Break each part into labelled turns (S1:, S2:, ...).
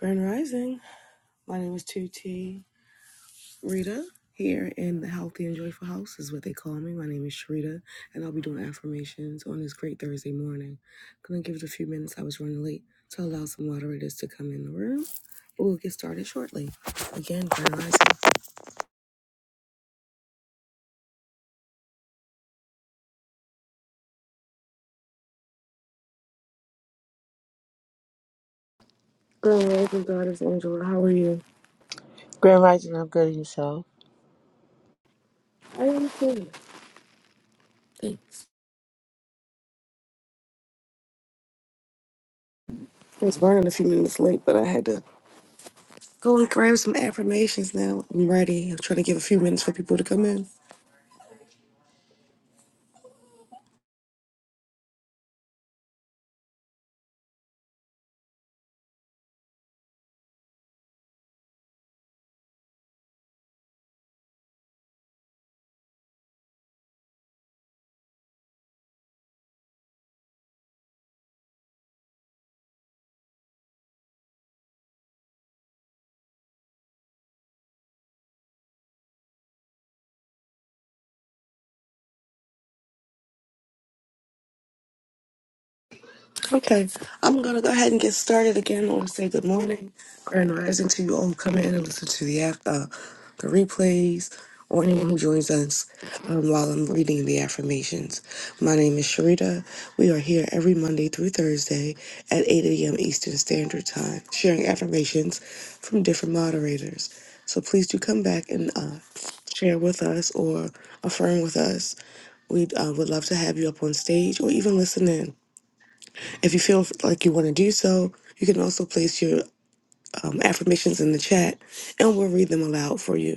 S1: Grand Rising. My name is 2T Rita here in the Healthy and Joyful House is what they call me. My name is Sharita and I'll be doing affirmations on this great Thursday morning. Gonna give it a few minutes. I was running late to allow some moderators to come in the room. But we'll get started shortly. Again, Grand Rising. Grand Rising, Goddess Angela. How are you?
S2: Grand Rising, I'm good in yourself.
S1: I am good. Thanks. I was running a few minutes late, but I had to go and grab some affirmations now. I'm ready. I'm trying to give a few minutes for people to come in. Okay, I'm gonna go ahead and get started again. I want to say good morning, grand rising to you all who come in and listen to the af- uh, the replays, or anyone who joins us um, while I'm reading the affirmations. My name is Sharita. We are here every Monday through Thursday at 8 a.m. Eastern Standard Time, sharing affirmations from different moderators. So please do come back and uh, share with us or affirm with us. We uh, would love to have you up on stage or even listen in. If you feel like you want to do so, you can also place your um, affirmations in the chat and we'll read them aloud for you.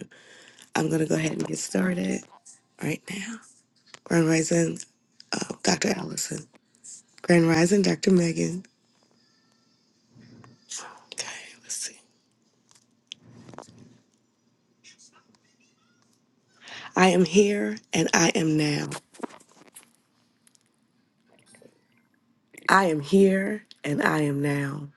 S1: I'm going to go ahead and get started right now. Grand Rising, uh, Dr. Allison. Grand Rising, Dr. Megan. Okay, let's see. I am here and I am now. I am here and I am now.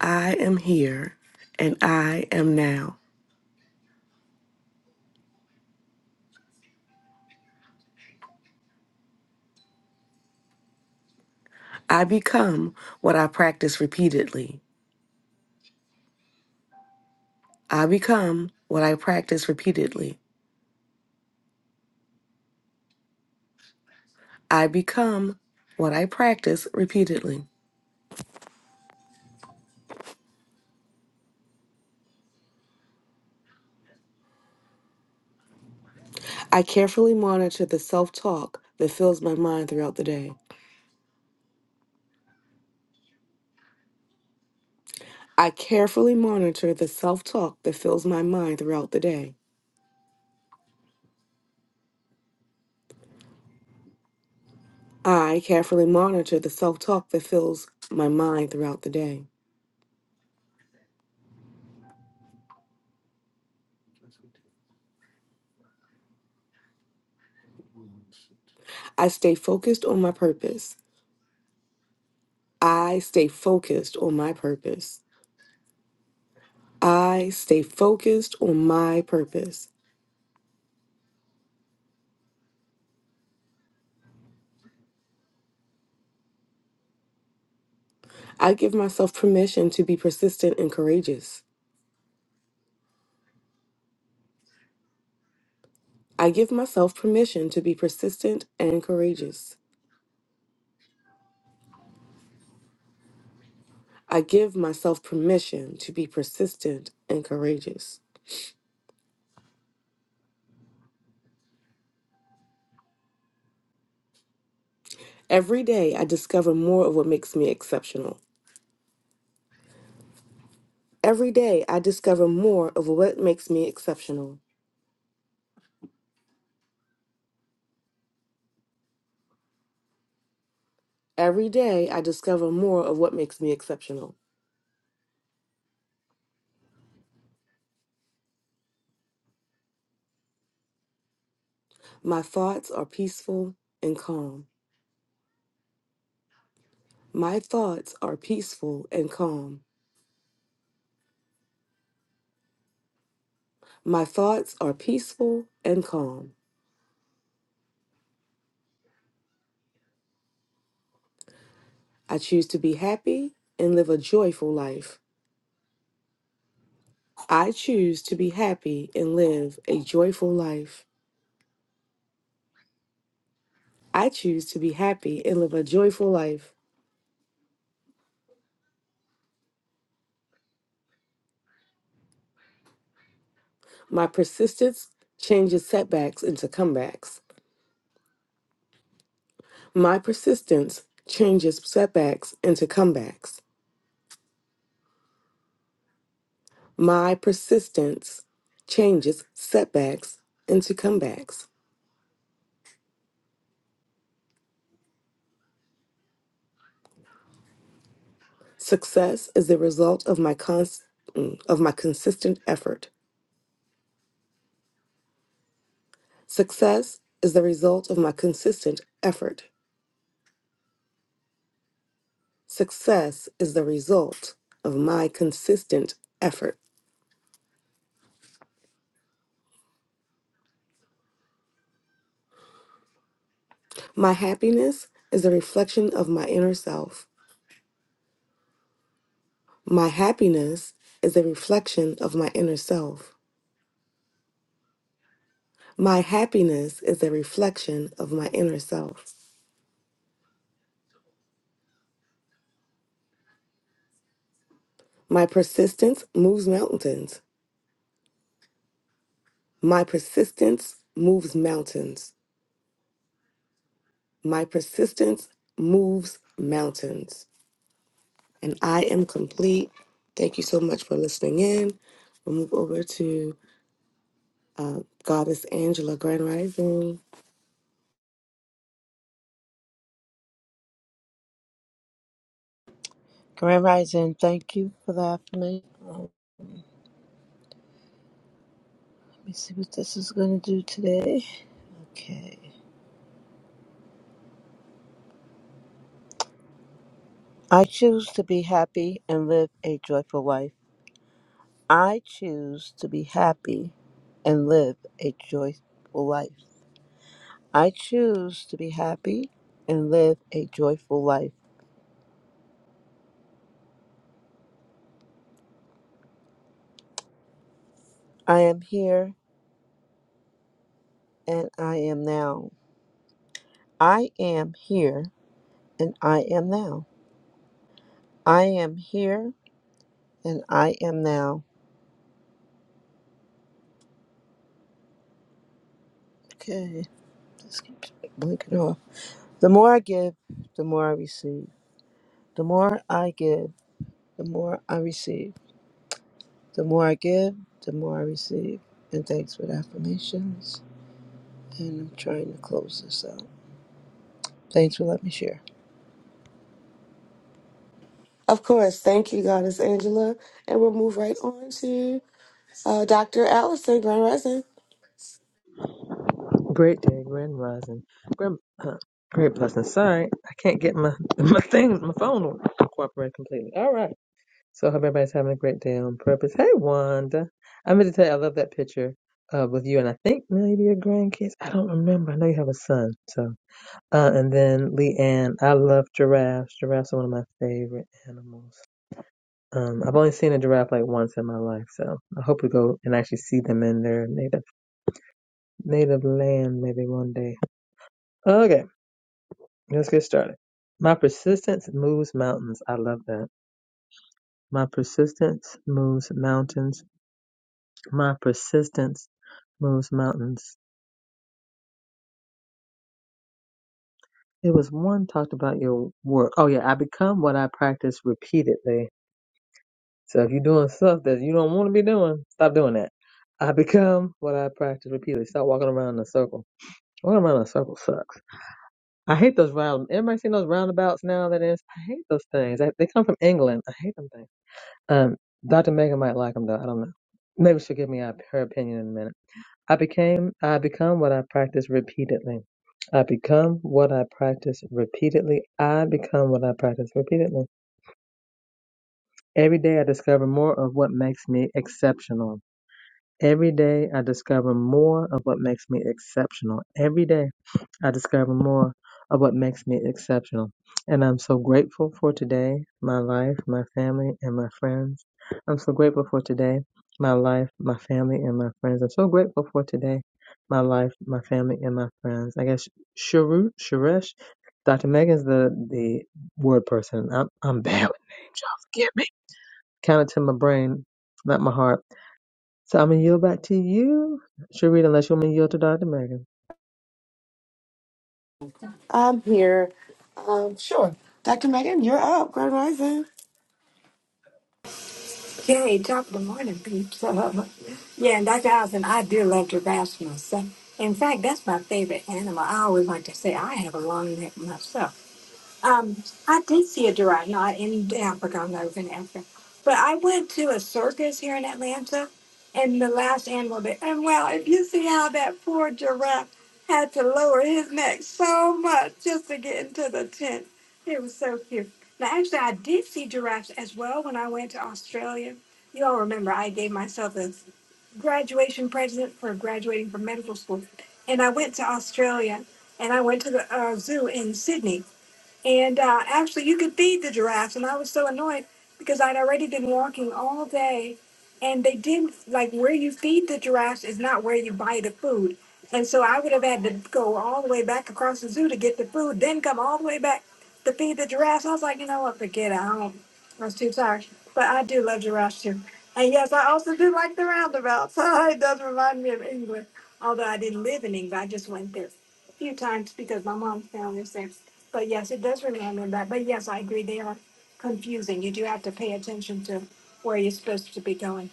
S1: I am here and I am now. I become what I practice repeatedly. I become what I practice repeatedly. I become what I practice repeatedly. I carefully monitor the self talk that fills my mind throughout the day. I carefully monitor the self talk that fills my mind throughout the day. I carefully monitor the self talk that fills my mind throughout the day. I stay focused on my purpose. I stay focused on my purpose. I stay focused on my purpose. I give myself permission to be persistent and courageous. I give myself permission to be persistent and courageous. I give myself permission to be persistent and courageous. Every day, I discover more of what makes me exceptional. Every day, I discover more of what makes me exceptional. Every day, I discover more of what makes me exceptional. My thoughts are peaceful and calm. My thoughts are peaceful and calm. My thoughts are peaceful and calm. I choose to be happy and live a joyful life. I choose to be happy and live a joyful life. I choose to be happy and live a joyful life. My persistence changes setbacks into comebacks. My persistence changes setbacks into comebacks. My persistence changes setbacks into comebacks. Success is the result of my cons- mm, of my consistent effort. Success is the result of my consistent effort. Success is the result of my consistent effort. My happiness is a reflection of my inner self. My happiness is a reflection of my inner self. My happiness is a reflection of my inner self. My persistence moves mountains. My persistence moves mountains. My persistence moves mountains. And I am complete. Thank you so much for listening in. We'll move over to uh, Goddess Angela Grand Rising.
S2: Grand Rising, thank you for the affirmation. Um, Let me see what this is going to do today. Okay. I choose to be happy and live a joyful life. I choose to be happy and live a joyful life. I choose to be happy and live a joyful life. I am here and I am now. I am here and I am now. I am here and I am now. Okay. This keeps blinking off. The more I give, the more I receive. The more I give, the more I receive. The more I give, the more I receive. And thanks for the affirmations. And I'm trying to close this out. Thanks for letting me share.
S1: Of course, thank you, Goddess Angela. And we'll move right on to uh, Dr. Allison Grand Rising.
S3: Great day, grand rising, grand, uh, great blessing. Sorry, I can't get my my thing, my phone on cooperate completely. All right, so I hope everybody's having a great day on purpose. Hey, Wanda, I meant to tell you I love that picture uh, with you and I think maybe your grandkids. I don't remember. I know you have a son, so uh, and then Leanne. I love giraffes. Giraffes are one of my favorite animals. Um, I've only seen a giraffe like once in my life, so I hope we go and actually see them in their native native land maybe one day. Okay. Let's get started. My persistence moves mountains. I love that. My persistence moves mountains. My persistence moves mountains. It was one talked about your work. Oh yeah, I become what I practice repeatedly. So if you're doing stuff that you don't want to be doing, stop doing that. I become what I practice repeatedly. Stop walking around in a circle. Walking around in a circle sucks. I hate those round. Everybody seen those roundabouts now? That is, I hate those things. I, they come from England. I hate them things. Um, Dr. Megan might like him though. I don't know. Maybe she'll give me a- her opinion in a minute. I became, I become what I practice repeatedly. I become what I practice repeatedly. I become what I practice repeatedly. Every day I discover more of what makes me exceptional. Every day I discover more of what makes me exceptional. Every day. I discover more of what makes me exceptional. And I'm so grateful for today, my life, my family, and my friends. I'm so grateful for today, my life, my family, and my friends. I'm so grateful for today, my life, my family, and my friends. I guess Sharu, Sharesh, Dr. Megan's the, the word person. I'm, I'm bad with names, y'all forgive me. Counted to my brain, not my heart. So I'm going to yield back to you, Sharita, unless you want me to yield to Dr. Megan.
S1: I'm here. Um, sure. Dr. Megan, you're up, Grand Rising.
S4: Okay, top of the morning, people. Yeah, and Dr. Allison, I do love giraffes myself. In fact, that's my favorite animal. I always like to say I have a long neck myself. Um, I did see a giraffe, not in Africa, no, it was in Africa. But I went to a circus here in Atlanta, and the last animal that, and well, if you see how that poor giraffe had to lower his neck so much just to get into the tent, it was so cute. Now, actually, I did see giraffes as well when I went to Australia. You all remember I gave myself a graduation present for graduating from medical school, and I went to Australia, and I went to the uh, zoo in Sydney and uh, actually, you could feed the giraffes. And I was so annoyed because I'd already been walking all day. And they didn't, like, where you feed the giraffes is not where you buy the food. And so I would have had to go all the way back across the zoo to get the food, then come all the way back to feed the giraffes. I was like, you know what, forget it. I don't, I was too tired. But I do love giraffes too. And yes, I also do like the roundabout. So it does remind me of England. Although I didn't live in England, I just went there a few times because my mom's family is there. But yes, it does remind me of that. But yes, I agree. They are confusing. You do have to pay attention to where you're supposed to be going.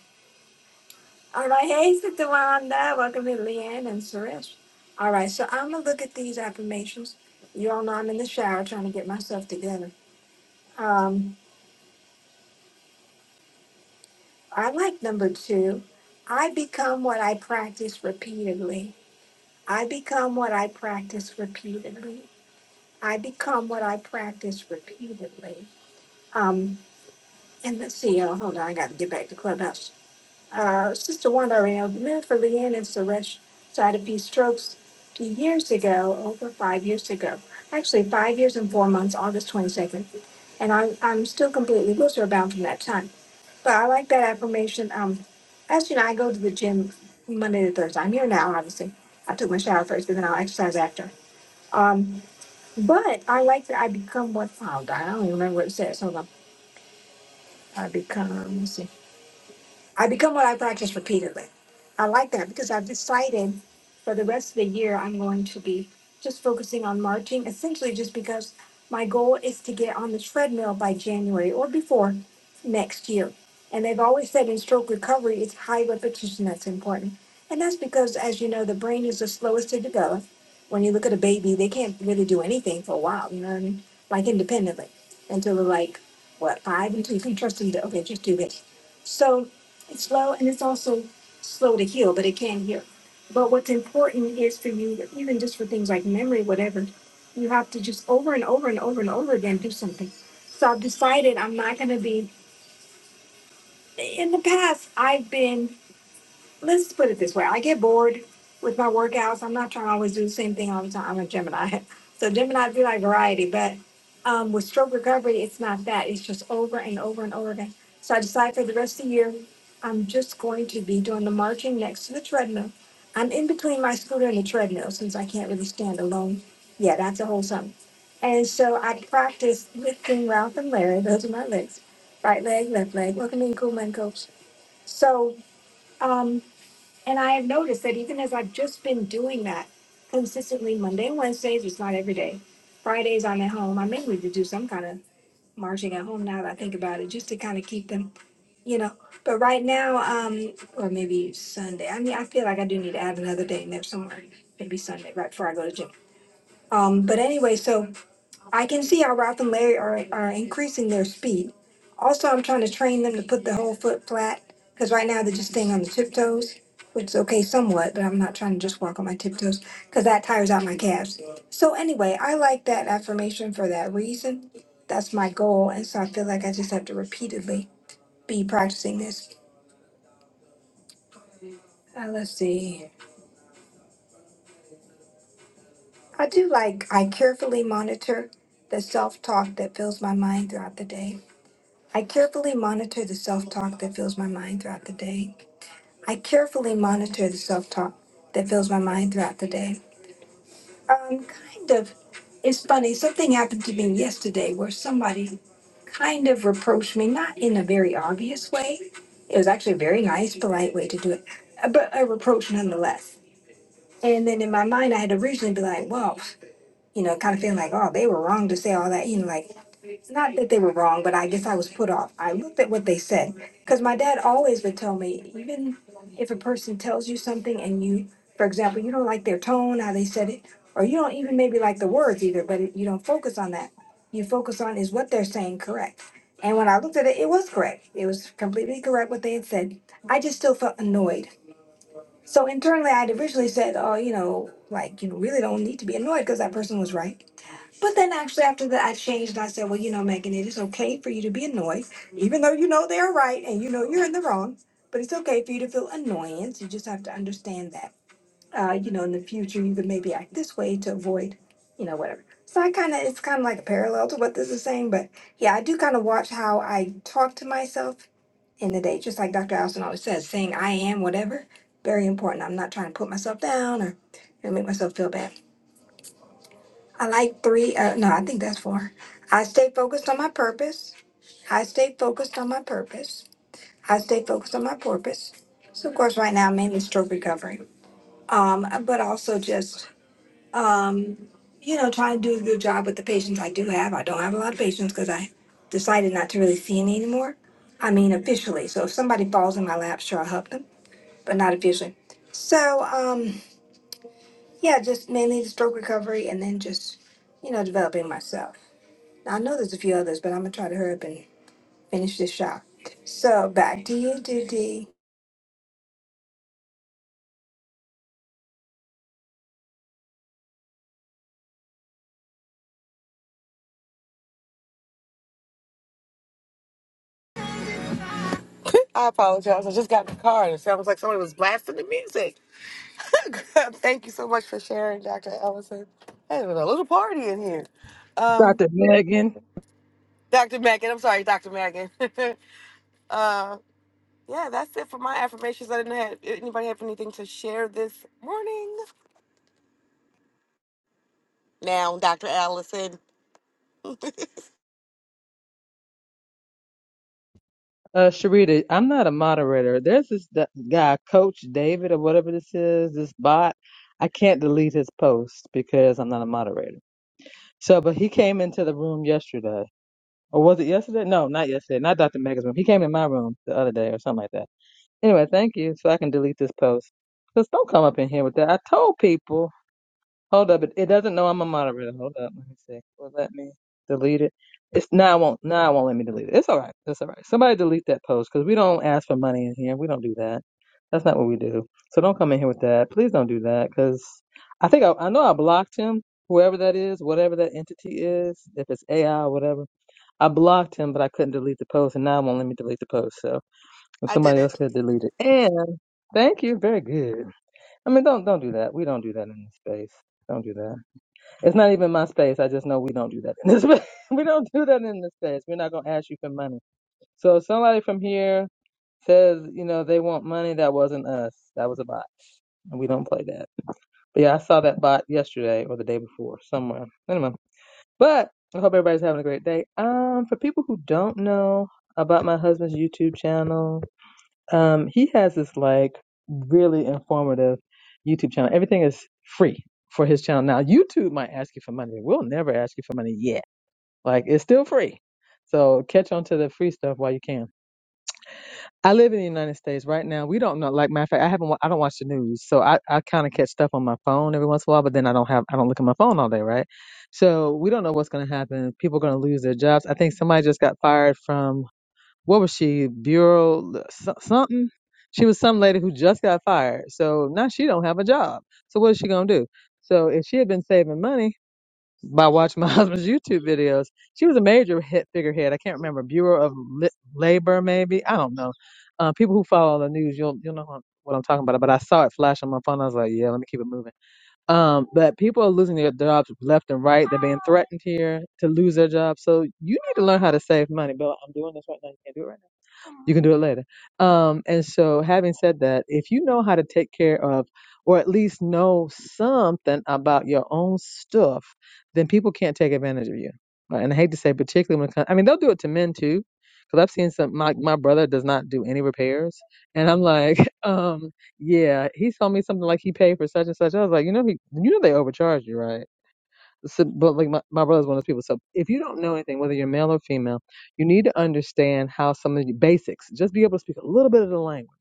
S4: All right. Hey, Sister Wanda. Welcome to Leanne and Suresh. All right. So I'm going to look at these affirmations. You all know I'm in the shower trying to get myself together. Um, I like number two. I become what I practice repeatedly. I become what I practice repeatedly. I become what I practice repeatedly. Um. And let's see, y'all. Hold on, I got to get back to Clubhouse. Uh, Sister Wanda around lived for Leanne and Suresh side of these strokes two years ago, over five years ago. Actually, five years and four months, August 22nd. And I'm, I'm still completely wheelchair bound from that time. But I like that affirmation. Um, as you know, I go to the gym Monday to Thursday. I'm here now, obviously. I took my shower first, but then I'll exercise after. Um, but I like that I become what, oh, I don't even remember what it says. Hold on. I become, let me see. I become what I practice repeatedly. I like that because I've decided for the rest of the year I'm going to be just focusing on marching, essentially just because my goal is to get on the treadmill by January or before next year. And they've always said in stroke recovery, it's high repetition that's important. And that's because, as you know, the brain is the slowest to develop. When you look at a baby, they can't really do anything for a while, you know what I mean? Like independently until they're like, what, five? Until you can trust them to, okay, just do this. So it's slow and it's also slow to heal, but it can heal. But what's important is for you, even just for things like memory, whatever, you have to just over and over and over and over again do something. So I've decided I'm not going to be, in the past, I've been let's put it this way. I get bored with my workouts. I'm not trying to always do the same thing all the time. I'm a Gemini. So Gemini do like variety, but um, with stroke recovery, it's not that. It's just over and over and over again. So I decided for the rest of the year, I'm just going to be doing the marching next to the treadmill. I'm in between my scooter and the treadmill since I can't really stand alone. Yeah, that's a whole something. And so I practiced lifting Ralph and Larry. Those are my legs. Right leg, left leg. Welcome in, cool man, coach. So um, and I have noticed that even as I've just been doing that consistently Monday, and Wednesdays, it's not every day. Fridays I'm at home. I may need to do some kind of marching at home now that I think about it, just to kind of keep them, you know. But right now, um, or maybe Sunday. I mean, I feel like I do need to add another day in there somewhere. Maybe Sunday, right before I go to gym. Um, but anyway, so I can see how Ralph and Larry are, are increasing their speed. Also, I'm trying to train them to put the whole foot flat because right now they're just staying on the tiptoes, which is okay somewhat, but I'm not trying to just walk on my tiptoes because that tires out my calves. So, anyway, I like that affirmation for that reason. That's my goal. And so I feel like I just have to repeatedly be practicing this. Uh, let's see. I do like, I carefully monitor the self talk that fills my mind throughout the day. I carefully monitor the self talk that fills my mind throughout the day. I carefully monitor the self talk that fills my mind throughout the day. Um, kind of. It's funny, something happened to me yesterday where somebody kind of reproached me, not in a very obvious way. It was actually a very nice, polite way to do it, but a reproach nonetheless. And then in my mind, I had originally been like, well, you know, kind of feeling like, oh, they were wrong to say all that, you know, like, not that they were wrong, but I guess I was put off. I looked at what they said because my dad always would tell me, even if a person tells you something and you, for example, you don't like their tone, how they said it, or you don't even maybe like the words either, but it, you don't focus on that. You focus on is what they're saying correct. And when I looked at it, it was correct. It was completely correct what they had said. I just still felt annoyed. So internally, I had originally said, oh, you know, like you really don't need to be annoyed because that person was right. But then actually after that I changed and I said, Well, you know, Megan, it is okay for you to be annoyed, even though you know they're right and you know you're in the wrong. But it's okay for you to feel annoyance. You just have to understand that. Uh, you know, in the future you can maybe act this way to avoid, you know, whatever. So I kinda it's kinda like a parallel to what this is saying, but yeah, I do kinda watch how I talk to myself in the day, just like Dr. Allison always says, saying I am whatever, very important. I'm not trying to put myself down or you know, make myself feel bad. I like three. Uh, no, I think that's four. I stay focused on my purpose. I stay focused on my purpose. I stay focused on my purpose. So, of course, right now, mainly stroke recovery, um, but also just, um, you know, trying to do a good job with the patients I do have. I don't have a lot of patients because I decided not to really see any anymore. I mean, officially. So, if somebody falls in my lap, sure, I'll help them, but not officially. So, um, yeah, just mainly the stroke recovery and then just, you know, developing myself. I know there's a few others, but I'm gonna try to hurry up and finish this shot. So back to you, Didi.
S1: I apologize. I just got in the car and it sounds like somebody was blasting the music. thank you so much for sharing, Dr. Allison. Hey, was a little party in here. Um,
S3: Dr. Megan.
S1: Dr. Megan, I'm sorry, Dr. Megan. uh, Yeah, that's it for my affirmations. I didn't have anybody have anything to share this morning. Now, Dr. Allison,
S3: Uh, Sharita, I'm not a moderator. There's this d- guy, Coach David, or whatever this is, this bot. I can't delete his post because I'm not a moderator. So, but he came into the room yesterday, or was it yesterday? No, not yesterday. Not Dr. Mega's room. He came in my room the other day, or something like that. Anyway, thank you. So I can delete this post. Just do don't come up in here with that. I told people. Hold up, it, it doesn't know I'm a moderator. Hold up, let me see. Will it let me delete it? It's now it won't now it won't let me delete it. It's all right. It's all right. Somebody delete that post because we don't ask for money in here. We don't do that. That's not what we do. So don't come in here with that. Please don't do that because I think I, I know I blocked him. Whoever that is, whatever that entity is, if it's AI or whatever, I blocked him, but I couldn't delete the post, and now it won't let me delete the post. So if
S1: I did
S3: somebody
S1: it.
S3: else could delete it, and thank you, very good. I mean, don't don't do that. We don't do that in this space. Don't do that. It's not even my space. I just know we don't do that in this space. We don't do that in this space. We're not gonna ask you for money. So if somebody from here says, you know, they want money, that wasn't us. That was a bot. And we don't play that. But yeah, I saw that bot yesterday or the day before somewhere. Anyway. But I hope everybody's having a great day. Um, for people who don't know about my husband's YouTube channel, um, he has this like really informative YouTube channel. Everything is free for his channel. Now, YouTube might ask you for money. We'll never ask you for money yet. Like it's still free. So catch on to the free stuff while you can. I live in the United States right now. We don't know. Like matter of fact, I haven't. wa- I don't watch the news, so I, I kind of catch stuff on my phone every once in a while. But then I don't have. I don't look at my phone all day, right? So we don't know what's going to happen. People are going to lose their jobs. I think somebody just got fired from what was she bureau so- something she was some lady who just got fired so now she don't have a job so what is she going to do so if she had been saving money by watching my husband's youtube videos she was a major hit figurehead i can't remember bureau of Li- labor maybe i don't know uh, people who follow the news you'll you'll know what I'm what I'm talking about but i saw it flash on my phone i was like yeah let me keep it moving um, but people are losing their jobs left and right they're being threatened here to lose their jobs so you need to learn how to save money bill i'm doing this right now you can't do it right now you can do it later. Um, and so, having said that, if you know how to take care of, or at least know something about your own stuff, then people can't take advantage of you. Right? And I hate to say, particularly when it comes, I mean, they'll do it to men too, because I've seen some. My my brother does not do any repairs, and I'm like, um, yeah, he told me something like he paid for such and such. I was like, you know, he, you know, they overcharge you, right? So, but like my, my brother's one of those people. So if you don't know anything, whether you're male or female, you need to understand how some of the basics, just be able to speak a little bit of the language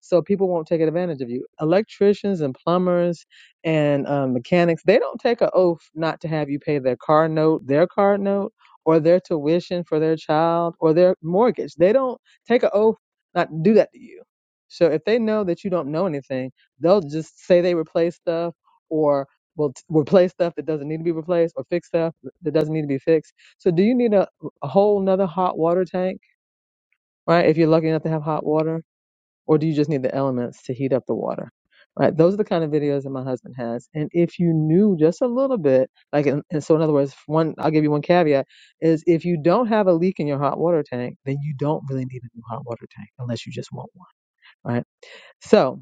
S3: so people won't take advantage of you. Electricians and plumbers and um, mechanics, they don't take an oath not to have you pay their car note, their car note, or their tuition for their child or their mortgage. They don't take an oath not to do that to you. So if they know that you don't know anything, they'll just say they replace stuff or will t- replace stuff that doesn't need to be replaced or fix stuff that doesn't need to be fixed. So do you need a, a whole nother hot water tank, right? If you're lucky enough to have hot water or do you just need the elements to heat up the water? Right? Those are the kind of videos that my husband has. And if you knew just a little bit, like, and, and so in other words, one, I'll give you one caveat is if you don't have a leak in your hot water tank, then you don't really need a new hot water tank unless you just want one, right? So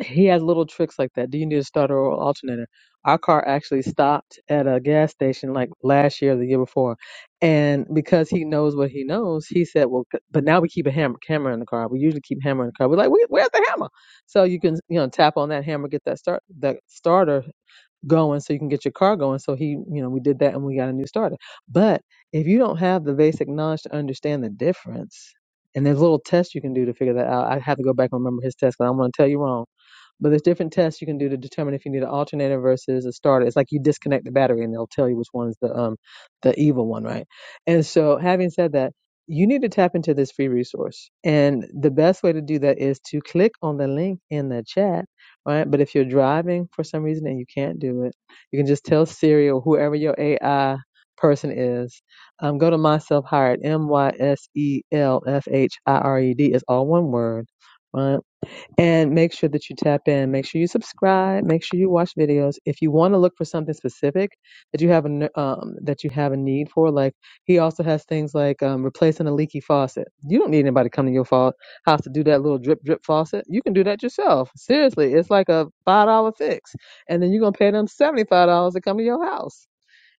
S3: he has little tricks like that. Do you need a starter or alternator? Our car actually stopped at a gas station like last year, or the year before, and because he knows what he knows, he said, "Well, c- but now we keep a hammer, camera in the car. We usually keep hammer in the car. We're like, Where, where's the hammer? So you can you know tap on that hammer, get that start that starter going, so you can get your car going. So he, you know, we did that and we got a new starter. But if you don't have the basic knowledge to understand the difference, and there's little tests you can do to figure that out. I have to go back and remember his test because I don't want to tell you wrong but there's different tests you can do to determine if you need an alternator versus a starter. It's like you disconnect the battery and they'll tell you which one's the um the evil one, right? And so having said that, you need to tap into this free resource. And the best way to do that is to click on the link in the chat, right? But if you're driving for some reason and you can't do it, you can just tell Siri or whoever your AI person is, um, go to myself hired, M Y S E L F H I R E D. It's all one word right? and make sure that you tap in. Make sure you subscribe. Make sure you watch videos. If you want to look for something specific that you have a n- um, that you have a need for, like he also has things like um, replacing a leaky faucet. You don't need anybody coming to your fa- house to do that little drip drip faucet. You can do that yourself. Seriously, it's like a five dollar fix, and then you're gonna pay them seventy five dollars to come to your house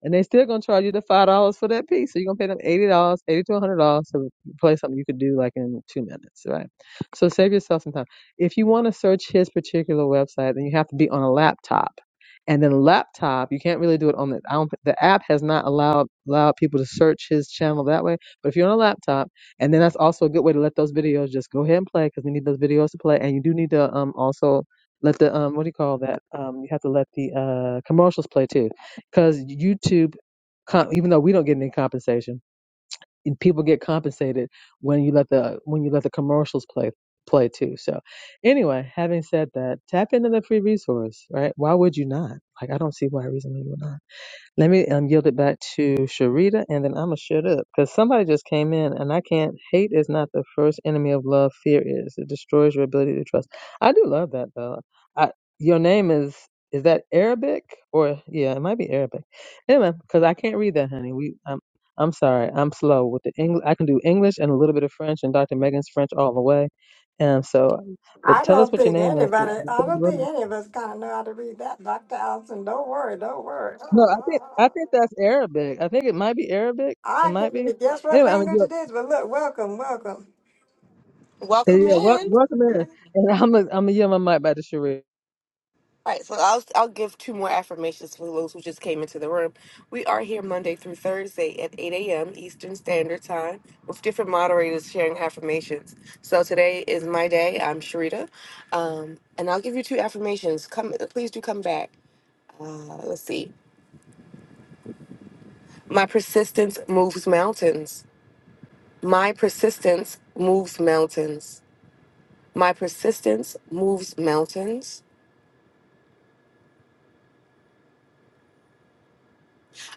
S3: and they still gonna charge you the five dollars for that piece. So you're gonna pay them eighty dollars, eighty to a hundred dollars to play something you could do like in two minutes, right? So save yourself some time. If you want to search his particular website, then you have to be on a laptop. And then laptop, you can't really do it on the. I don't, the app has not allowed allowed people to search his channel that way. But if you're on a laptop, and then that's also a good way to let those videos just go ahead and play because we need those videos to play. And you do need to um also let the um what do you call that um you have to let the uh commercials play too because YouTube, com- even though we don't get any compensation, and people get compensated when you let the when you let the commercials play play too. So, anyway, having said that, tap into the free resource, right? Why would you not? Like, I don't see why reason why you would not. Let me um, yield it back to Sharita, and then I'm gonna shut up because somebody just came in, and I can't. Hate is not the first enemy of love. Fear is. It destroys your ability to trust. I do love that though. I, your name is is that Arabic or yeah, it might be Arabic. Anyway, because I can't read that, honey. We I'm I'm sorry. I'm slow with the English. I can do English and a little bit of French, and Dr. Megan's French all the way. And so, but
S4: I
S3: tell us
S4: don't
S3: what your
S4: think
S3: name is.
S4: anybody, I don't
S3: But
S4: think any of us kind of know how to read that, Dr. Allison. Don't worry, don't worry.
S3: No, I think I think that's Arabic. I think it might be Arabic. It
S4: I
S3: might
S4: can't
S3: be.
S4: even guess what
S3: Anyway, I'm
S4: language
S3: gonna
S4: it is, but look, welcome, welcome.
S1: Welcome
S3: yeah, wel-
S1: in.
S3: welcome in, and I'm gonna I'm gonna yield my mic back to Sheree.
S1: All right, so I'll I'll give two more affirmations for those who just came into the room. We are here Monday through Thursday at 8 a.m. Eastern Standard Time with different moderators sharing affirmations. So today is my day. I'm Sharita, um, and I'll give you two affirmations. Come, please do come back. Uh, let's see. My persistence moves mountains. My persistence moves mountains. My persistence moves mountains.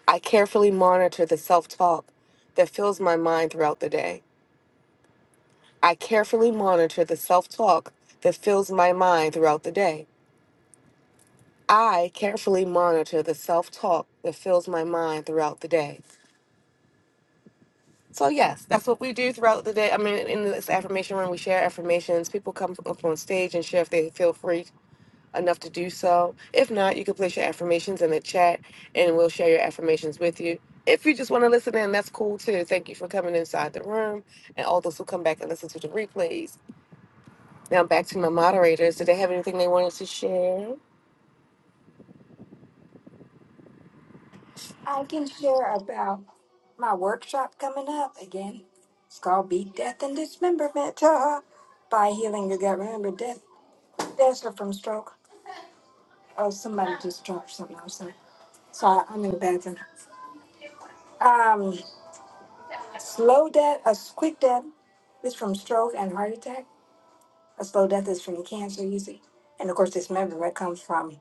S1: I carefully monitor the self talk that fills my mind throughout the day. I carefully monitor the self talk that fills my mind throughout the day. I carefully monitor the self talk that fills my mind throughout the day. So, yes, that's what we do throughout the day. I mean, in this affirmation room, we share affirmations. People come up on stage and share if they feel free enough to do so. If not, you can place your affirmations in the chat and we'll share your affirmations with you. If you just want to listen in, that's cool too. Thank you for coming inside the room and all those who come back and listen to the replays. Now back to my moderators. Did they have anything they wanted to share?
S4: I can share about my workshop coming up again. It's called Beat Death and Dismemberment by Healing Your Gut. Remember, death, deaths are from stroke. Oh, somebody just dropped something outside. So I, I'm in the bathroom. Um, slow death, a quick death is from stroke and heart attack. A slow death is from cancer usually. And of course, dismemberment comes from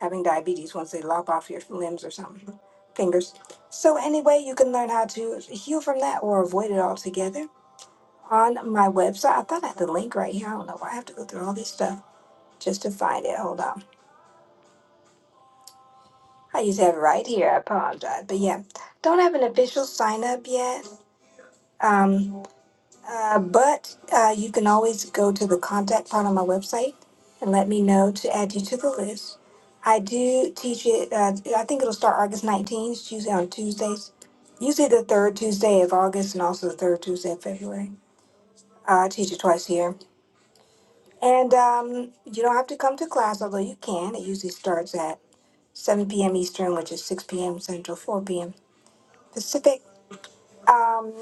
S4: having diabetes once they lop off your limbs or something, fingers. So anyway, you can learn how to heal from that or avoid it altogether on my website. I thought I had the link right here. I don't know why I have to go through all this stuff just to find it. Hold on. I used to have it right here. I apologize. But yeah, don't have an official sign up yet. Um, Uh, but uh, you can always go to the contact part on my website and let me know to add you to the list. I do teach it, uh, I think it'll start August 19th, it's usually on Tuesdays, usually the third Tuesday of August and also the third Tuesday of February. Uh, I teach it twice a year. And um, you don't have to come to class, although you can. It usually starts at 7 p.m. Eastern, which is 6 p.m. Central, 4 p.m. Pacific. Um,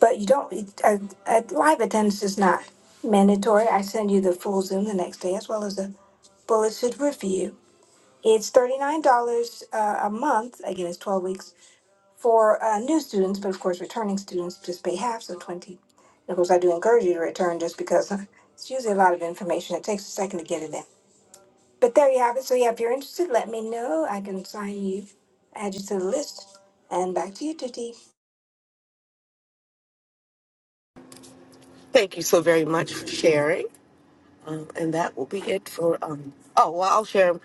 S4: But you don't, it- a, a live attendance is not mandatory. I send you the full Zoom the next day as well as the bulleted review. It's $39 uh, a month, again, it's 12 weeks, for uh, new students, but of course, returning students just pay half, so 20 And of course, I do encourage you to return just because uh, it's usually a lot of information. It takes a second to get it in. But there you have it. So, yeah, if you're interested, let me know. I can sign you, add you to the list. And back to you, Tuti.
S1: Thank you so very much for sharing. Um, and that will be it for um oh well I'll share.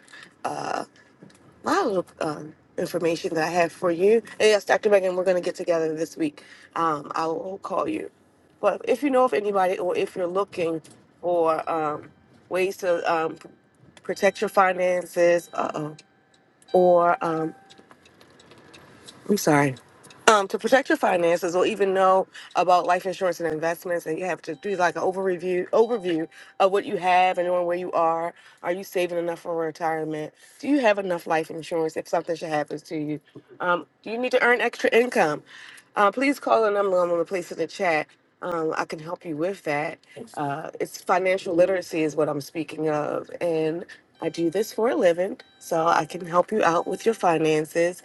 S1: my little um, information that I have for you. And yes, Dr. Megan, we're going to get together this week. Um, I will call you. But if you know of anybody or if you're looking for um, ways to um, protect your finances uh-oh, or um, I'm sorry. Um, to protect your finances or even know about life insurance and investments, and you have to do like an overview overview of what you have and knowing where you are. Are you saving enough for retirement? Do you have enough life insurance if something should happen to you? Um, do you need to earn extra income? Uh, please call the number I'm going to place in the chat. Um, I can help you with that. Uh, it's financial literacy is what I'm speaking of, and I do this for a living, so I can help you out with your finances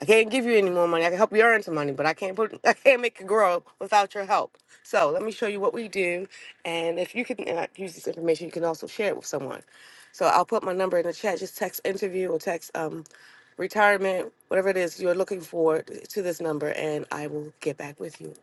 S1: I can't give you any more money. I can help you earn some money, but I can't put I can't make it grow without your help. So let me show you what we do, and if you can uh, use this information, you can also share it with someone. So I'll put my number in the chat. Just text interview or text um, retirement, whatever it is you're looking for, to this number, and I will get back with you.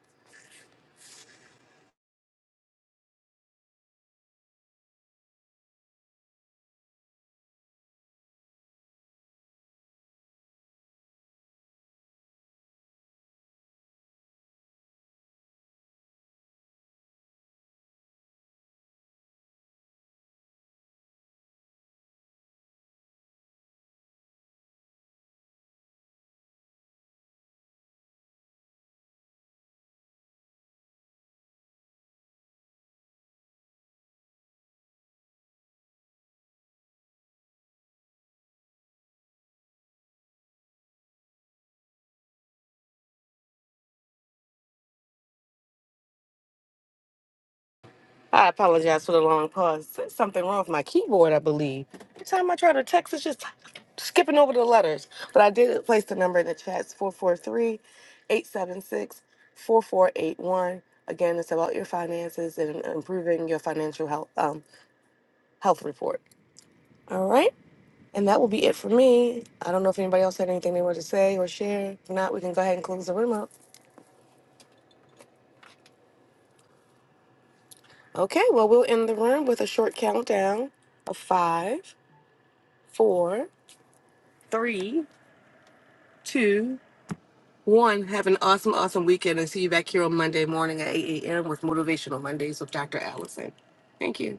S1: I apologize for the long pause. There's something wrong with my keyboard, I believe. Every time I try to text, it's just skipping over the letters. But I did place the number in the chat. It's 443 Again, it's about your finances and improving your financial health, um, health report. All right. And that will be it for me. I don't know if anybody else had anything they wanted to say or share. If not, we can go ahead and close the room up. Okay. Well, we'll end the room with a short countdown of five, four, three two, one, have an awesome, awesome weekend and see you back here on Monday morning at 8 a.m. with Motivational Mondays with Dr. Allison. Thank you.